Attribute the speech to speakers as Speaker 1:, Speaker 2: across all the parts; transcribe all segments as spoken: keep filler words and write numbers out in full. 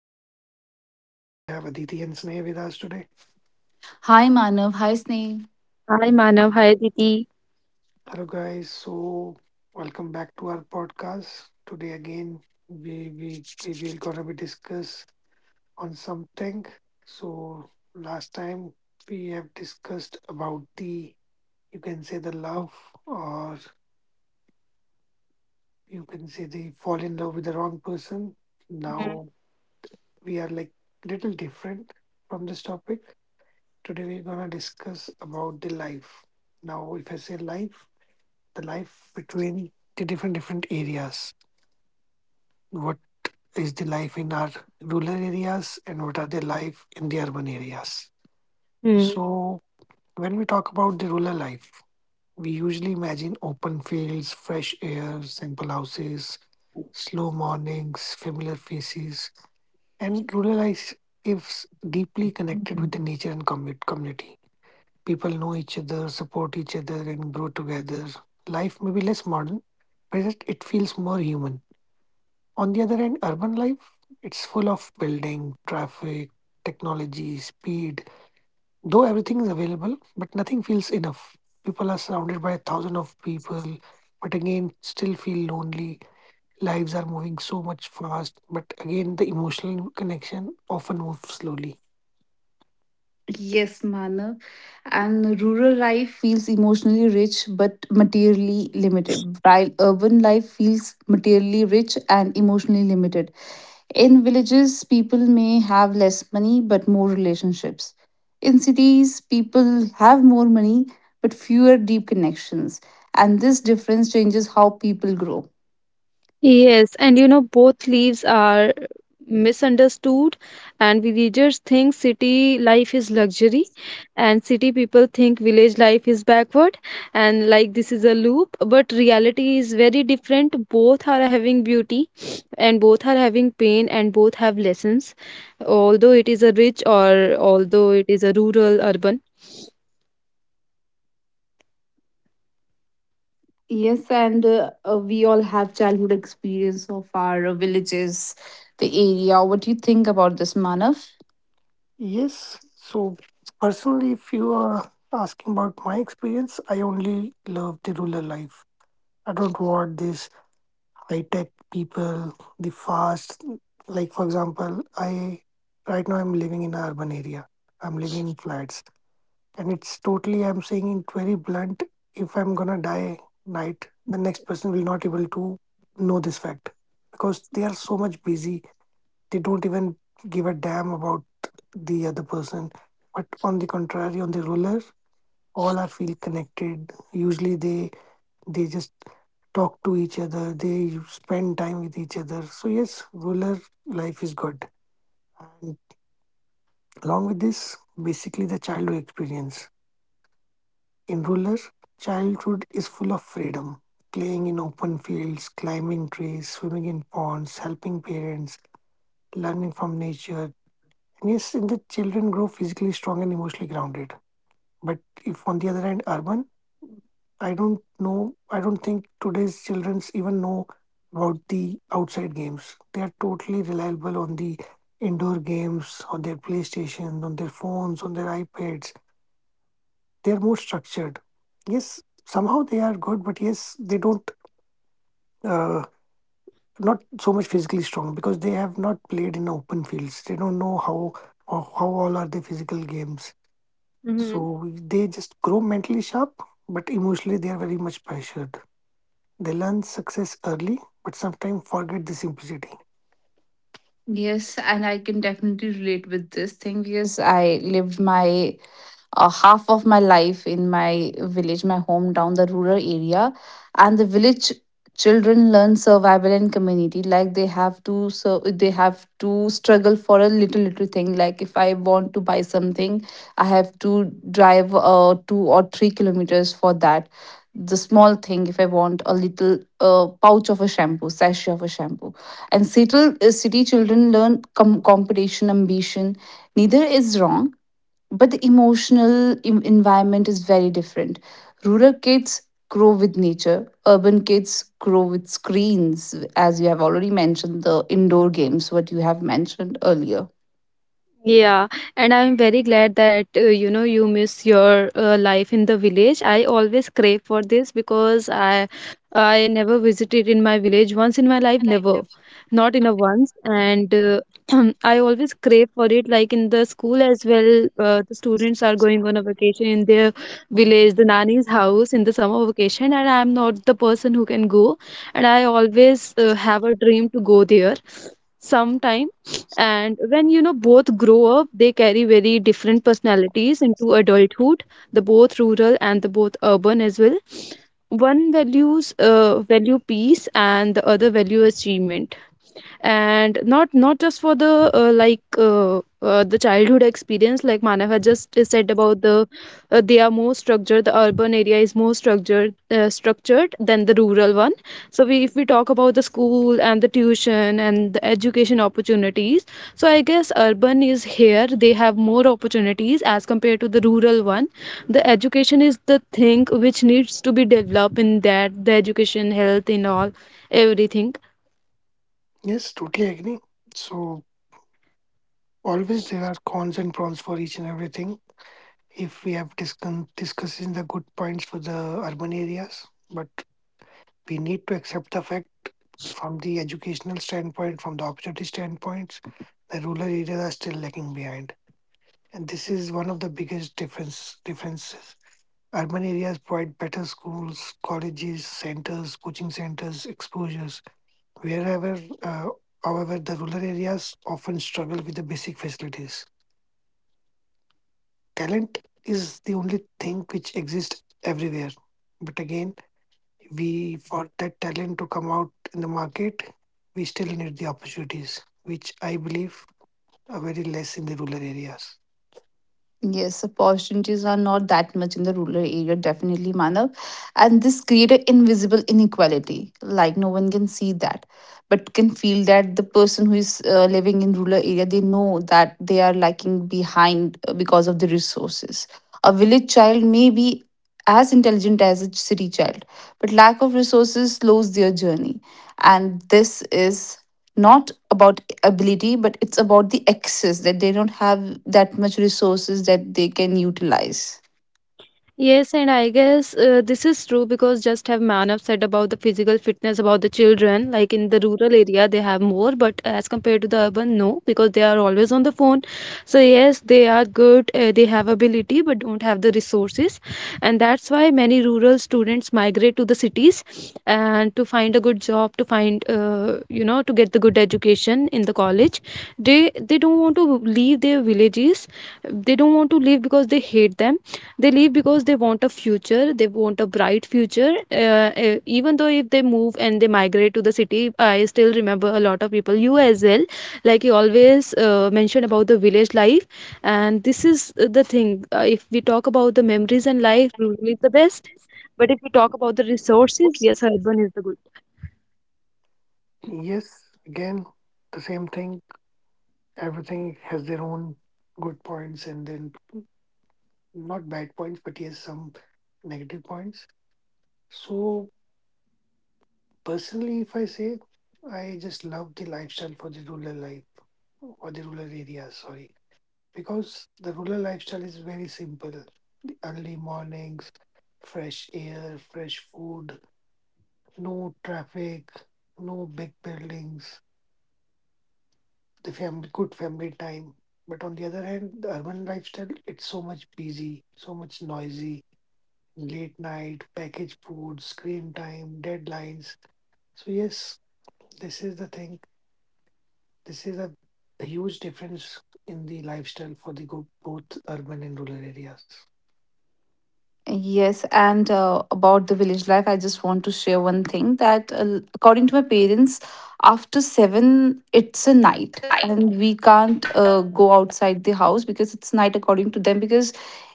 Speaker 1: Manav, and I, we have Aditi and Sneh with us today.
Speaker 2: Hi Manav, hi Sneh.
Speaker 3: hi Manav, hi Didi.
Speaker 1: Hello, guys. So, welcome back to our podcast. Today again, we we we will gonna be discuss on something. So, last time we have discussed about the you can say the love, or you can say the fall in love with the wrong person.
Speaker 3: Mhm.
Speaker 1: Now we are like little different from this topic. Today we're gonna discuss about the life. Now, if I say life, the life between the different different areas. What is the life in our rural areas and what are the life in the urban areas?
Speaker 3: Mhm.
Speaker 1: So when we talk about the rural life, we usually imagine open fields, fresh air, simple houses, slow mornings, familiar faces, and rural life is deeply connected with the nature and commu- community. People know each other, support each other, and grow together. Life may be less modern, but it it feels more human. On the other hand, urban life, it's full of building, traffic, technology, speed. Though everything is available, but nothing feels enough. People are surrounded by a thousand of people, but again, still feel lonely. Lives are moving so much fast, but again, the emotional connection often moves slowly.
Speaker 2: Yes, Manav. And rural life feels emotionally rich but materially limited, while urban life feels materially rich and emotionally limited. In villages, people may have less money but more relationships. In cities, people have more money but fewer deep connections. And this difference changes how people grow.
Speaker 3: Yes, and you know both leaves are misunderstood, and villagers think city life is luxury, and city people think village life is backward, and like this is a loop. But reality is very different. Both are having beauty, and both are having pain, and both have lessons. Although it is a rich or although it is a rural urban.
Speaker 2: Yes, and uh, uh, we all have childhood experience of our uh, villages, the area. What do you think about this, Manav?
Speaker 1: Yes. So, personally, if you are asking about my experience, I only love the rural life. I don't want this high tech people, the fast. Like, for example, I right now I'm living in an urban area. I'm living in flats, and it's totally. I'm saying it very blunt. If I'm gonna die night, the next person will not able to know this fact because they are so much busy they don't even give a damn about the other person. But on the contrary, on the ruler, all are feel connected. Usually, they they just talk to each other. They spend time with each other. So yes, ruler life is good. And along with this, basically the childhood experience in ruler childhood is full of freedom. Playing in open fields, climbing trees, swimming in ponds, helping parents, learning from nature, and yes, in the children grow physically strong and emotionally grounded. But if on the other hand, urban, I don't know, I don't think today's childrens even know about the outside games. They are totally reliable on the indoor games, on their PlayStation, on their phones, on their iPads. They are more structured. Yes, somehow they are good, but yes, they don't. Uh, not so much physically strong because they have not played in open fields. They don't know how or how all are the physical games.
Speaker 3: Mhm.
Speaker 1: So they just grow mentally sharp, but emotionally they are very much pressured. They learn success early, but sometimes forget the simplicity.
Speaker 2: Yes, and I can definitely relate with this thing because I lived my uh, half of my life in my village, my hometown, the rural area. And the village children learn survival and community. Like they have to, so they have to struggle for a little little thing. Like if I want to buy something, I have to drive uh, two or three kilometers for that. The small thing, if I want a little uh, pouch of a shampoo, sachet of a shampoo, and city, uh, city children learn com- competition, ambition. Neither is wrong, but the emotional em- environment is very different. Rural kids grow with nature, urban kids grow with screens, as you have already mentioned, the indoor games, what you have mentioned earlier.
Speaker 3: Yeah, and I'm very glad that uh, you know you miss your uh, life in the village. I always crave for this because I I never visited in my village once in my life, never, not in a once. And uh, I always crave for it. Like in the school as well, uh, the students are going on a vacation in their village, the nanny's house in the summer vacation, and I'm not the person who can go. And I always uh, have a dream to go there sometime. And when you know both grow up, they carry very different personalities into adulthood, the both rural and the both urban as well. One values uh, value peace and the other value achievement. And not not just for the uh, like uh, uh, the childhood experience like Manav had just said about the uh, they are more structured. The urban area is more structured, uh, structured than the rural one. So we, if we talk about the school and the tuition and the education opportunities, so I guess urban is here, they have more opportunities as compared to the rural one. The education is the thing which needs to be developed in that, the education, health, in all everything.
Speaker 1: Yes, totally agree. So always there are cons and pros for each and everything. If we have discuss discussing the good points for the urban areas, but we need to accept the fact from the educational standpoint, from the opportunity standpoints, the rural areas are still lagging behind. And this is one of the biggest difference differences. Urban areas provide better schools, colleges, centers, coaching centers, exposures. Wherever, uh, however, the rural areas often struggle with the basic facilities. Talent is the only thing which exists everywhere. But again, we for that talent to come out in the market, we still need the opportunities, which I believe are very less in the rural areas.
Speaker 2: Yes, opportunities are not that much in the rural area, definitely, Manav. And this create an invisible inequality. Like no one can see that, but can feel that the person who is uh, living in rural area, they know that they are lagging behind uh, because of the resources. A village child may be as intelligent as a city child, but lack of resources slows their journey. And this is not about ability, but it's about the excess that they don't have that much resources that they can utilize.
Speaker 3: Yes, and I guess uh, this is true because just have man Manav said about the physical fitness about the children, like in the rural area they have more, but as compared to the urban, no, because they are always on the phone. So yes, they are good, uh, they have ability, but don't have the resources, and that's why many rural students migrate to the cities and to find a good job, to find, uh, you know, to get the good education in the college. They they don't want to leave their villages, they don't want to leave because they hate them. They leave because they want a future, they want a bright future. Uh, uh, even though if they move and they migrate to the city, I still remember a lot of people, you as well, like you always uh, mentioned about the village life. And this is uh, the thing. Uh, if we talk about the memories and life, rural is the best, but if we talk about the resources, yes, urban is the good.
Speaker 1: Yes, again, the same thing. Everything has their own good points and then not bad points, but yes, some negative points. So personally, if I say, I just love the lifestyle for the rural life or the rural area, sorry, because the rural lifestyle is very simple. The early mornings, fresh air, fresh food, no traffic, no big buildings, the family, good family time. But on the other hand, the urban lifestyle, it's so much busy, so much noisy, late night, packaged food, screen time, deadlines. So, yes, this is the thing. This is a, a huge difference in the lifestyle for the go- both urban and rural areas.
Speaker 2: Yes, and uh, about the village life, I just want to share one thing that, uh, according to my parents, after seven, it's a night, and we can't uh, go outside the house because it's night, according to them. Because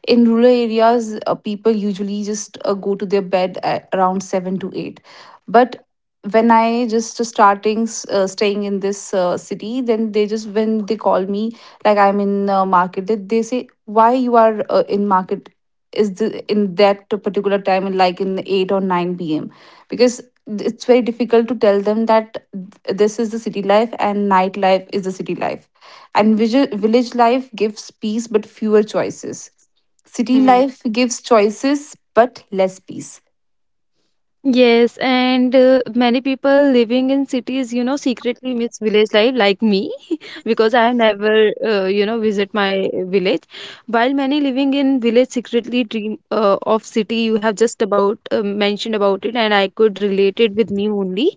Speaker 2: in rural areas, uh, people usually just uh, go to their bed at around seven to eight. But when I just starting uh, staying in this uh, city, then they just when they call me like I'm in uh, market, they, they say why you are uh, in market is the, in that particular time in like in eight or nine p m, because it's very difficult to tell them that this is the city life and nightlife is the city life. And village, village life gives peace but fewer choices, city
Speaker 3: Hmm.
Speaker 2: life gives choices but less peace.
Speaker 3: Yes, and uh, many people living in cities, you know, secretly miss village life, like me, because I have never, uh, you know, visit my village. While many living in village secretly dream uh, of city, you have just about uh, mentioned about it, and I could relate it with me only.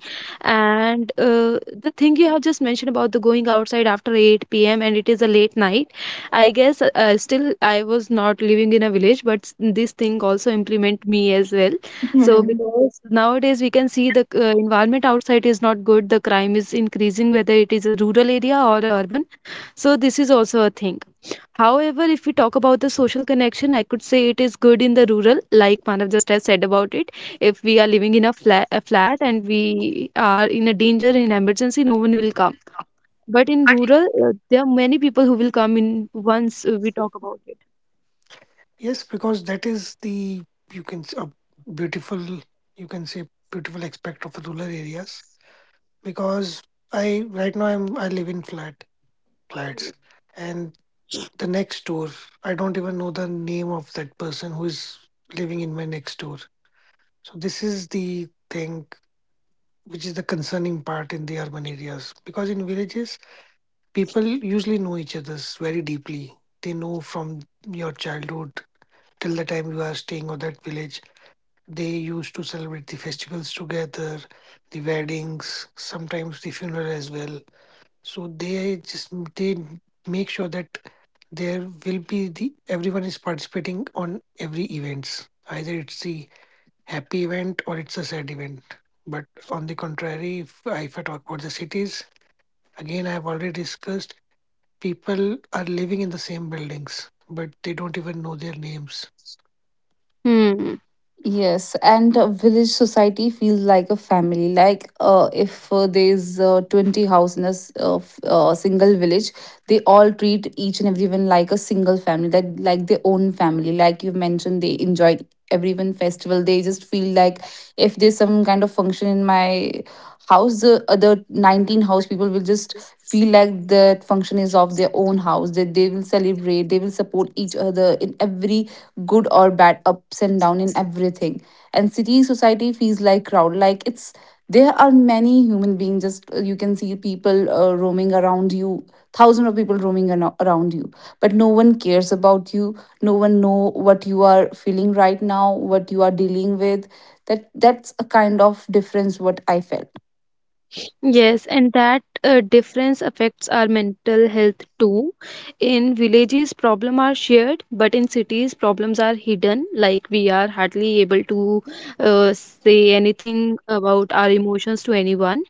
Speaker 3: And uh, the thing you have just mentioned about the going outside after eight p m and it is a late night. I guess uh, still I was not living in a village, but s- this thing also implement me as well. So, because nowadays we can see the uh, environment outside is not good, the crime is increasing, whether it is a rural area or a urban. So, this is also a thing. However, if we talk about the social connection, I could say it is good in the rural, like Manav just has said about it. If we are living in a flat, a flat and we are in a danger, in emergency, no one will come. But in rural, uh, there are many people who will come in once uh, we talk about it.
Speaker 1: Yes, because that is the, you can, s- a beautiful, you can say, beautiful aspect of rural areas. Because I, right now, I'm, I live in flat, flats. And the next door, I don't even know the name of that person who is living in my next door. So this is the thing which is the concerning part in the urban areas because in villages people usually know each other's very deeply. They know from your childhood till the time you are staying on that village. They used to celebrate the festivals together, the weddings, sometimes the funeral as well. So they just they make sure that there will be the everyone is participating on every events. Either it's the happy event or it's a sad event. But on the contrary, if, if I talk about the cities, again, I have already discussed people are living in the same buildings, but they don't even know their names.
Speaker 3: Hmm.
Speaker 2: Yes, and a village society feels like a family. Like, uh, if uh, there's uh, twenty house in a s- uh, f- uh, single village, they all treat each and everyone like a single family, that like their own family. Like you mentioned, they enjoy everyone festival. They just feel like if there's some kind of function in my house, the other nineteen house people will just feel like that function is of their own house, that they will celebrate, they will support each other in every good or bad, ups and down, in everything. And city society feels like crowd, like it's there are many human beings, just uh, you can see people uh, roaming around you, thousands of people roaming ano- around you, but no one cares about you, no one know what you are feeling right now, what you are dealing with. That that's a kind of difference what I felt.
Speaker 3: Yes, and that uh, difference affects our mental health too. In villages, problems are shared, but in cities, problems are hidden. Like we are hardly able to uh, say anything about our emotions to anyone.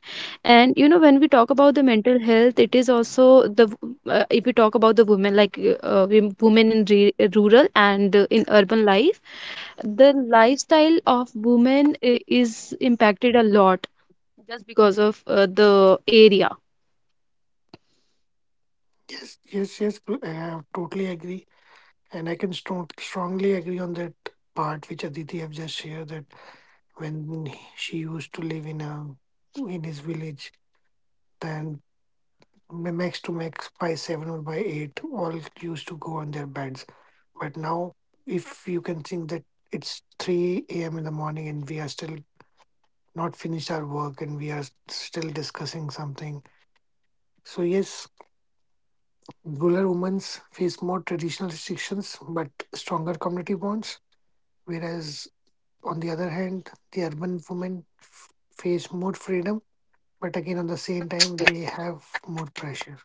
Speaker 3: And you know, when we talk about the mental health, it is also the w- uh, if we talk about the women, like uh, uh, wom- women in re rural and uh, in urban life, the lifestyle of women i- is impacted a lot just because of uh, the area.
Speaker 1: Yes, yes, yes. Bro, I totally agree, and I can strong, strongly agree on that part which Aditi have just shared that when he- she used to live in a in his village, then ma- max to max by seven or by eight, all used to go on their beds. But now, if you can think that it's three a m in the morning and we are still not finished our work and we are s- still discussing something. So, yes, rural women face more traditional restrictions but stronger community bonds. Whereas, on the other hand, the urban women f- face more freedom, but again, on the same time, they have more pressure.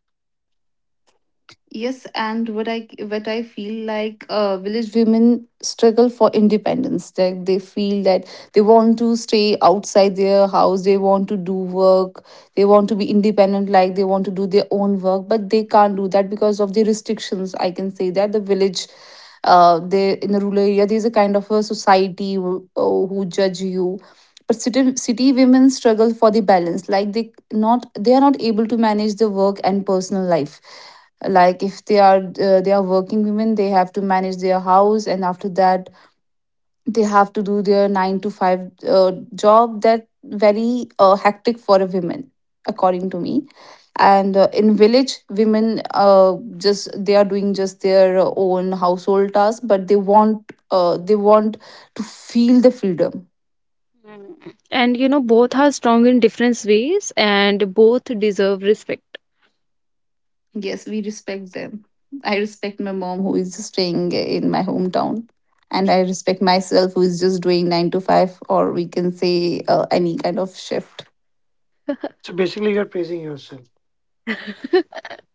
Speaker 2: Yes, and what I what I feel like uh, village women struggle for independence. Like they feel that they want to stay outside their house, they want to do work, they want to be independent. Like they want to do their own work, but they can't do that because of the restrictions. I can say that the village, uh, they in the rural area, there is a kind of a society who, uh, who judge you. But city, city women struggle for the balance. Like they not they are not able to manage the work and personal life. Like if they are uh, they are working women, they have to manage their house, and after that they have to do their nine to five uh, job, that very uh, hectic for a woman, according to me. And uh, in village women, uh, just they are doing just their own household tasks, but they want uh, they want to feel the freedom.
Speaker 3: Mm. And you know both are strong in different ways and both deserve respect.
Speaker 2: Yes, we respect them. I respect my mom who is staying in my hometown. And I respect myself who is just doing nine to five, or we can say uh, any kind of shift.
Speaker 1: So basically, you're praising yourself.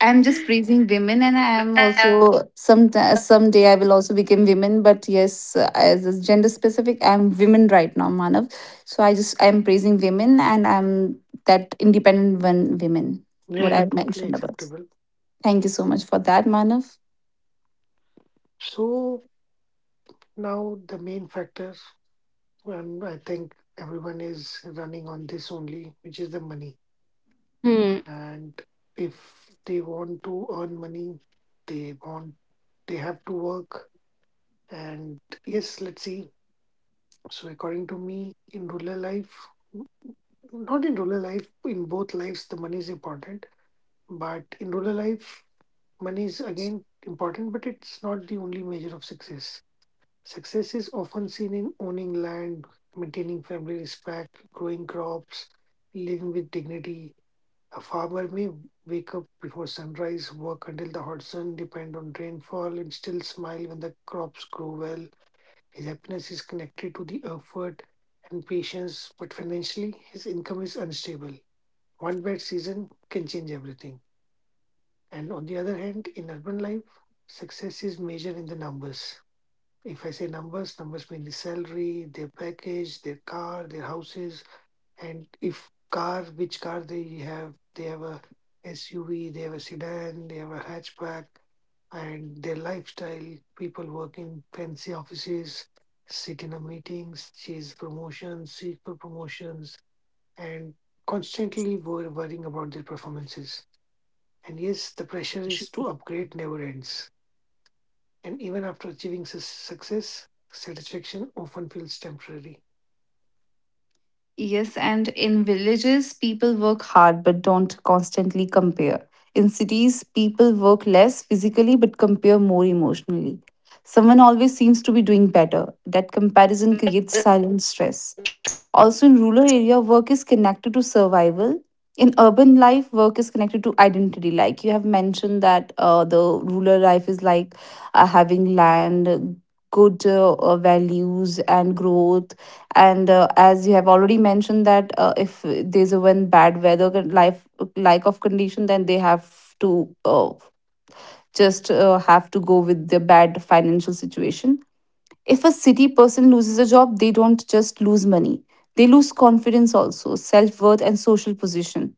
Speaker 2: I'm just praising women, and I am also some someday I will also become women. But yes, uh, as a gender specific, I'm women right now, Manav. So I just I'm praising women, and I'm that independent one women.
Speaker 1: Yeah,
Speaker 2: What
Speaker 1: yeah,
Speaker 2: I
Speaker 1: totally
Speaker 2: mentioned about.
Speaker 1: acceptable.
Speaker 2: Thank you so much for that, Manav.
Speaker 1: So now the main factor. And I think everyone is running on this only, which is the
Speaker 3: Hmm.
Speaker 1: money. And if they want to earn money, they want they have to work. And yes, let's see. So according to me, in rural life, not in rural life, in both lives, the money is important. But in rural life, money is again important, but it's not the only measure of success. Success is often seen in owning land, maintaining family respect, growing crops, living with dignity. A farmer may wake up before sunrise, work until the hot sun, depend on rainfall, and still smile when the crops grow well. His happiness is connected to the effort and patience, but financially, his income is unstable. One bad season can change everything. And on the other hand, in urban life, success is measured in the numbers if I say numbers, numbers mean the salary, their package, their car, their houses, and if car, which car they have, they have a S U V, they have a sedan, they have a hatchback, and their lifestyle. People work in fancy offices, sit in a meetings, chase promotions, seek for promotions, and constantly wor- worrying about their performances. And yes, the pressure is to upgrade never ends. And even after achieving su- success, satisfaction often feels temporary.
Speaker 2: Yes, and in villages, people work hard but don't constantly compare. In cities, people work less physically but compare more emotionally. Someone always seems to be doing better. That comparison creates silent stress. Also, in rural area, work is connected to survival. In urban life, work is connected to identity. Like you have mentioned that uh, the rural life is like uh, having land, uh, good uh, uh, values, and growth. And uh, as you have already mentioned that uh, if there's a one bad weather con- life like of condition, then they have to uh, just uh, have to go with the bad financial situation. If a city person loses a job, they don't just lose money, they lose confidence also, self worth, and social position.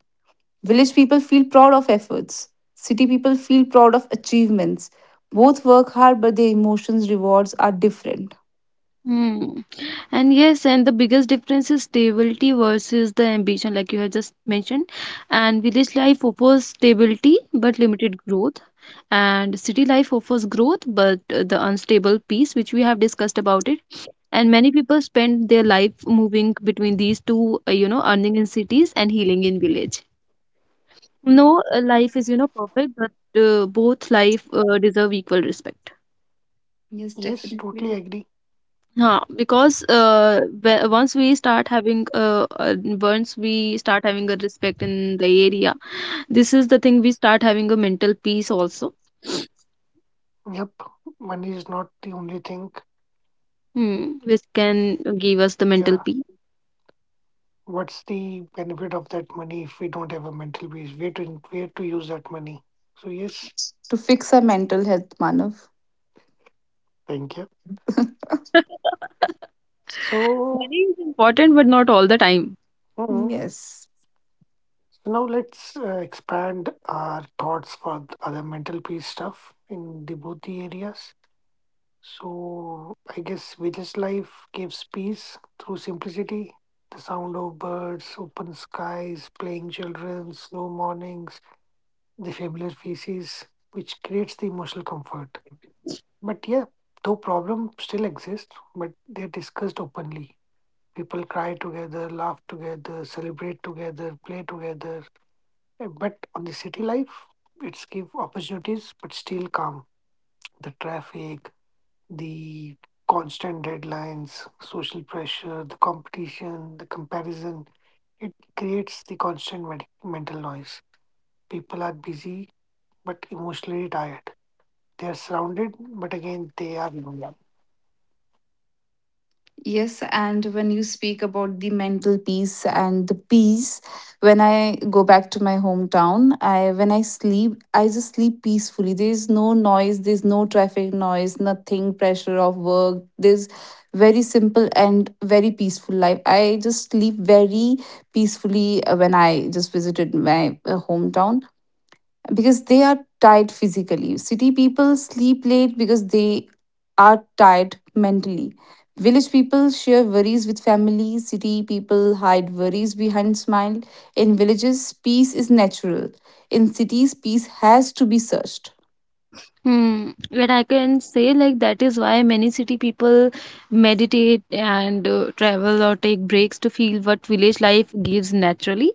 Speaker 2: Village people feel proud of efforts, city people feel proud of achievements. Both work hard, but their emotions, rewards are different.
Speaker 3: Hmm. And yes, and the biggest difference is stability versus the ambition, like you had just mentioned. And village life offers stability but limited growth, and city life offers growth but uh, the unstable peace, which we have discussed about it. And many people spend their life moving between these two. Uh, you know, earning in cities and healing in village. No, uh, life is, you know, perfect, but uh, both life uh, deserve equal respect.
Speaker 2: Yes,
Speaker 1: Yes, totally
Speaker 2: definitely.
Speaker 1: agree.
Speaker 3: Yeah, because uh, whe- once we start having uh, uh, once we start having a respect in the area, this is the thing, we start having a mental peace also.
Speaker 1: Yep, money is not the only thing.
Speaker 3: Hmm, which can give us the mental
Speaker 1: Yeah,
Speaker 3: peace.
Speaker 1: what's the benefit of that money if we don't have a mental base? Where to where to use that money? So yes,
Speaker 2: To fix our mental health, Manav.
Speaker 1: thank you. So
Speaker 3: Money is important, but not all the time.
Speaker 1: mm,
Speaker 2: Yes.
Speaker 1: now let's uh, expand our thoughts for the other mental peace stuff in the both the areas. So I guess village life gives peace through simplicity. The sound of birds, open skies, playing children, slow mornings, the familiar faces, which creates the emotional comfort. But yeah, though problems still exist, but they're discussed openly. People cry together, laugh together, celebrate together, play together. Eh, But on the city life, it's give opportunities but still calm. The traffic, the constant deadlines, social pressure, the competition, the comparison, it creates the constant med- mental noise. People are busy but emotionally tired. They are surrounded, but again, they are alone.
Speaker 2: Yes, and when you speak about the mental peace and the peace, when I go back to my hometown, I when I sleep, I just sleep peacefully. There is no noise, there's no traffic noise, nothing pressure of work. There's very simple and very peaceful life. I just sleep very peacefully uh, when I just visited my uh, hometown because they are tired physically. City people sleep late because they are tired mentally. Village people share worries with family. City people hide worries behind smile. In villages, peace is natural. In cities, peace has to be searched.
Speaker 3: Hmm. But I can say, like, that is why many city people meditate and uh, travel or take breaks to feel what village life gives naturally.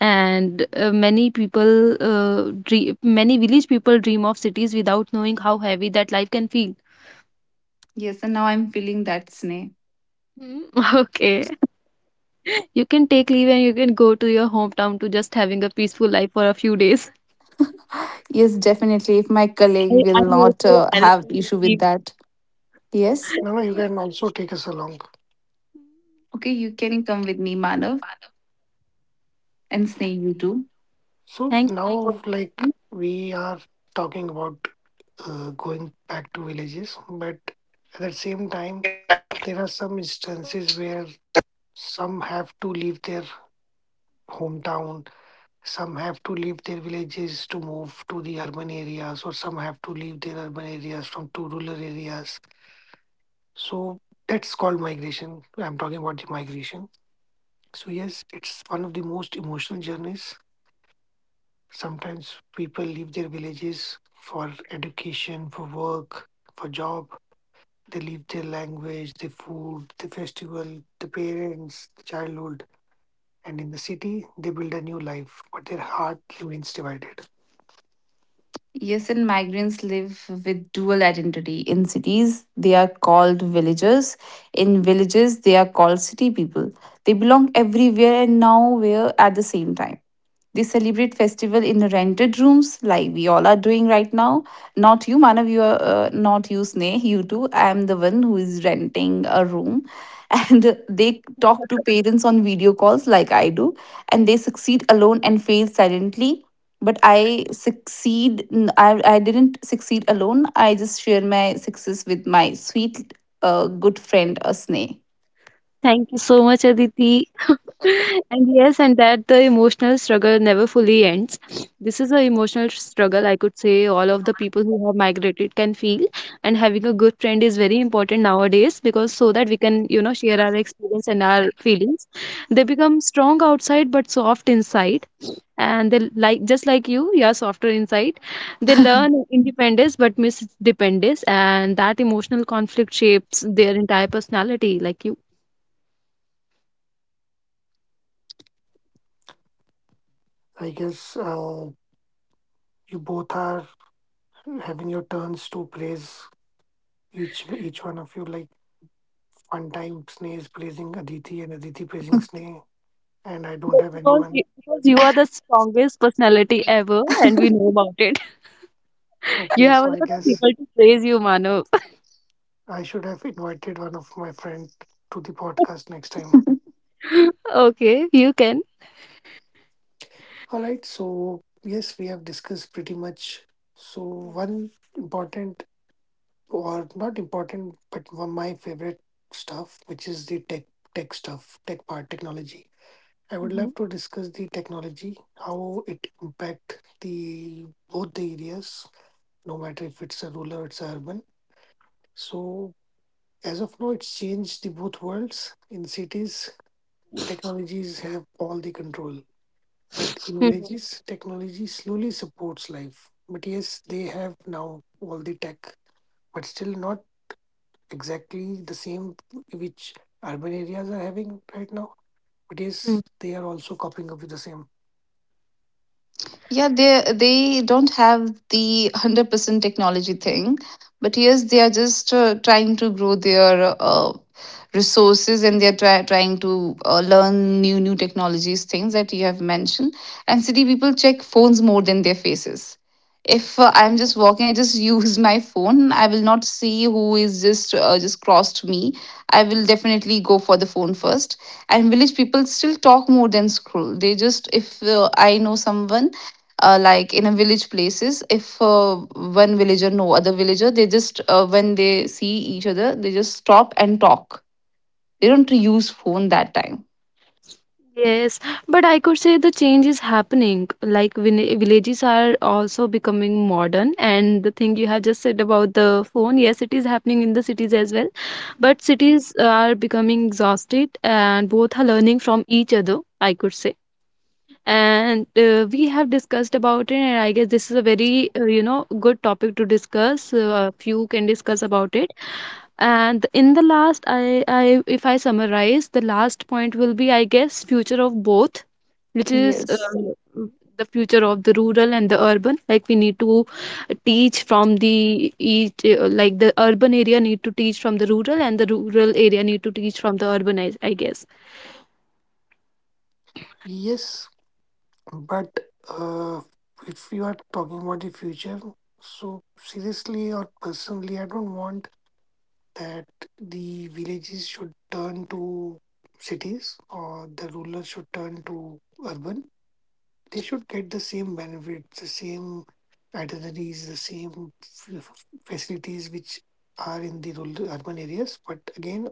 Speaker 3: And uh, many people, uh, dream, many village people dream of cities without knowing how heavy that life can feel.
Speaker 2: Yes, and now I'm feeling that, Sneh.
Speaker 3: Hmm. Okay, you can take leave and you can go to your hometown to just having a peaceful life for a few days.
Speaker 2: Yes, definitely. If my colleague
Speaker 3: I,
Speaker 2: will
Speaker 3: I hope
Speaker 2: not
Speaker 3: your
Speaker 2: uh, have
Speaker 3: management will
Speaker 2: issue with
Speaker 3: be.
Speaker 2: that.
Speaker 1: No. No, you
Speaker 2: Yes.
Speaker 1: can also take us along.
Speaker 2: Okay, you can come with me, Manav, and Sneh, you too.
Speaker 1: So,
Speaker 3: Thank you for
Speaker 1: now, like,
Speaker 3: inviting.
Speaker 1: we are talking about uh, going back to villages, but at the same time, there are some instances where some have to leave their hometown. Some have to leave their villages to move to the urban areas, or some have to leave their urban areas from to rural areas. So that's called migration. I'm talking about the migration. So yes, it's one of the most emotional journeys. Sometimes people leave their villages for education, for work, for job. They leave their language, their food, the festival, the parents, the childhood, and in the city they build a new life, but their heart remains divided.
Speaker 2: Yes, and migrants live with dual identity. In cities, they are called villagers. In villages, they are called city people. They belong everywhere and nowhere at the same time. They celebrate festival in rented rooms, like we all are doing right now. Not you, Manav, you are uh, not you, Sneh, you too. I am the one who is renting a room. And they talk to parents on video calls, like I do, and they succeed alone and fail silently. But I succeed, n- I, I didn't succeed alone. I just share my success with my sweet, uh, good friend, uh, Sneh.
Speaker 3: Thank you so much, Aditi. And yes, and that the emotional struggle never fully ends. This is an emotional struggle, I could say, all of the people who have migrated can feel. And having a good friend is very important nowadays because so that we can, you know, share our experience and our feelings. They become strong outside but soft inside. And they, like, just like you, you are softer inside. They learn independence but miss dependence, and that emotional conflict shapes their entire personality, like you.
Speaker 1: I guess uh, you both are having your turns to praise each each one of you. Like one time Sneh is praising Aditi and Aditi praising Sneh, and I
Speaker 3: But
Speaker 1: don't have
Speaker 3: because you,
Speaker 1: anyone.
Speaker 3: because you are the strongest personality ever, and we know about it. You
Speaker 1: Okay,
Speaker 3: have a
Speaker 1: so I
Speaker 3: lot of
Speaker 1: guess
Speaker 3: people to praise you, Manav.
Speaker 1: I should have invited one of my friend to the podcast next time.
Speaker 3: Okay, you can.
Speaker 1: All right, so yes, we have discussed pretty much. So one important or not important, but one my favorite stuff, which is the tech tech stuff, tech part, technology. I would
Speaker 3: Mm-hmm.
Speaker 1: love to discuss the technology, how it impact the both the areas, no matter if it's a rural or it's urban. So as of now, it's changed the both worlds. In cities, technologies have all the control, but in
Speaker 3: Mm-hmm.
Speaker 1: villages, technology slowly supports life. But yes, they have now all the tech, but still not exactly the same which urban areas are having right now. But yes, they are also coping up with the same.
Speaker 2: Yeah, they they don't have the one hundred percent technology thing, but yes, they are just uh, trying to grow their uh, resources, and they are try, trying to uh, learn new new technologies, things that you have mentioned. And city people check phones more than their faces. If uh, I'm just walking, I just use my phone. I will not see who is just uh, just crossed me. I will definitely go for the phone first. And village people still talk more than scroll. They just if uh, I know someone uh, like in a village places, if uh, one villager know other villager, they just uh, when they see each other, they just stop and talk, they don't use phone that time.
Speaker 3: Yes, but I could say the change is happening. Like vin- villages are also becoming modern, and the thing you have just said about the phone, yes, it is happening in the cities as well. But cities are becoming exhausted, and both are learning from each other, I could say. And uh, we have discussed about it, and I guess this is a very, uh, you know, good topic to discuss. Uh, few can discuss about it. And in the last, I I if I summarize, the last point will be, I guess, future of both, which is uh,
Speaker 2: Yes.
Speaker 3: the future of the rural and the urban. Like we need to teach from the each. Uh, like the urban area need to teach from the rural and the rural area need to teach from the urban, i, I guess.
Speaker 1: Yes, but uh, if you are talking about the future, so seriously or personally, I don't want that the villages should turn to cities or the rural should turn to urban. They should get the same benefits, the same itineraries, the same f- f- facilities which are in the rural urban areas. But again,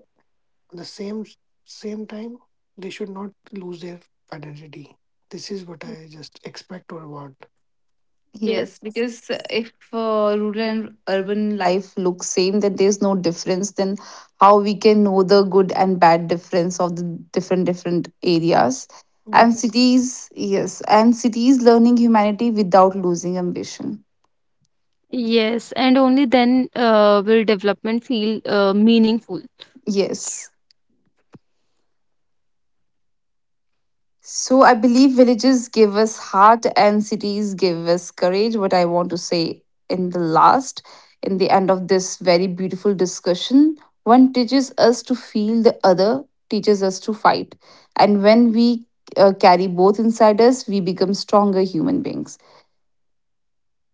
Speaker 1: the same same time, they should not lose their identity. This is what I just expect or want.
Speaker 3: Yes.
Speaker 2: Yes, because uh, if uh, rural and urban life look same, then there's no difference. Then how we can know the good and bad difference of the different different areas
Speaker 1: Yep,
Speaker 2: and cities? Yes, and cities learning humanity without losing ambition.
Speaker 3: Yes, and only then uh, will development feel uh, meaningful.
Speaker 2: Yes. So I believe villages give us heart and cities give us courage. What I want to say in the last, in the end of this very beautiful discussion, one teaches us to feel, the other teaches us to fight. And when we uh, carry both inside us, we become stronger human beings.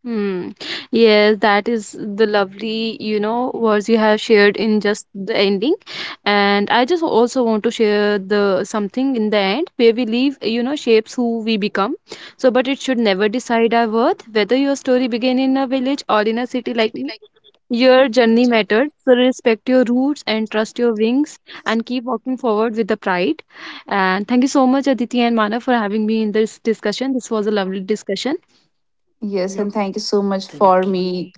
Speaker 3: Hmm. Yes, that is the lovely, you know, words you have shared in just the ending. And I just also want to share the something in the end. Where we leave, you know, shapes who we become. So, but it should never decide our worth, whether your story begin in a village or in a city. Like your journey mattered, so respect your roots and trust your wings and keep walking forward with the pride. And thank you so much, Aditi and Mana, for having me in this discussion. This was a lovely discussion.
Speaker 2: Yes,
Speaker 1: yep.
Speaker 2: and thank you so much
Speaker 1: Thank
Speaker 2: for me,
Speaker 1: you.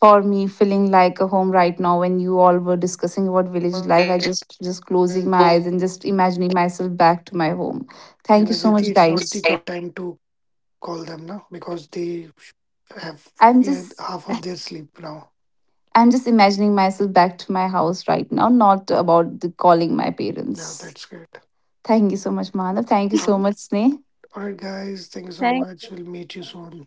Speaker 2: for me feeling like a home right now when you all were discussing about village life. I just just closing my eyes and just imagining myself back to my home. Thank
Speaker 1: And
Speaker 2: you so much,
Speaker 1: Aditi, it's not the
Speaker 2: guys.
Speaker 1: good time to call them now because they have
Speaker 2: I'm
Speaker 1: yeah,
Speaker 2: just
Speaker 1: half of their sleep now.
Speaker 2: I'm just imagining myself back to my house right now, not about the calling my
Speaker 3: Thank
Speaker 1: Yeah,
Speaker 2: parents.
Speaker 1: that's great.
Speaker 2: Thank you so much, Manav, thank you
Speaker 3: you.
Speaker 1: All,
Speaker 2: so
Speaker 1: right,
Speaker 2: much, Sneh.
Speaker 1: all right, guys. Thank you so much. We'll meet you soon.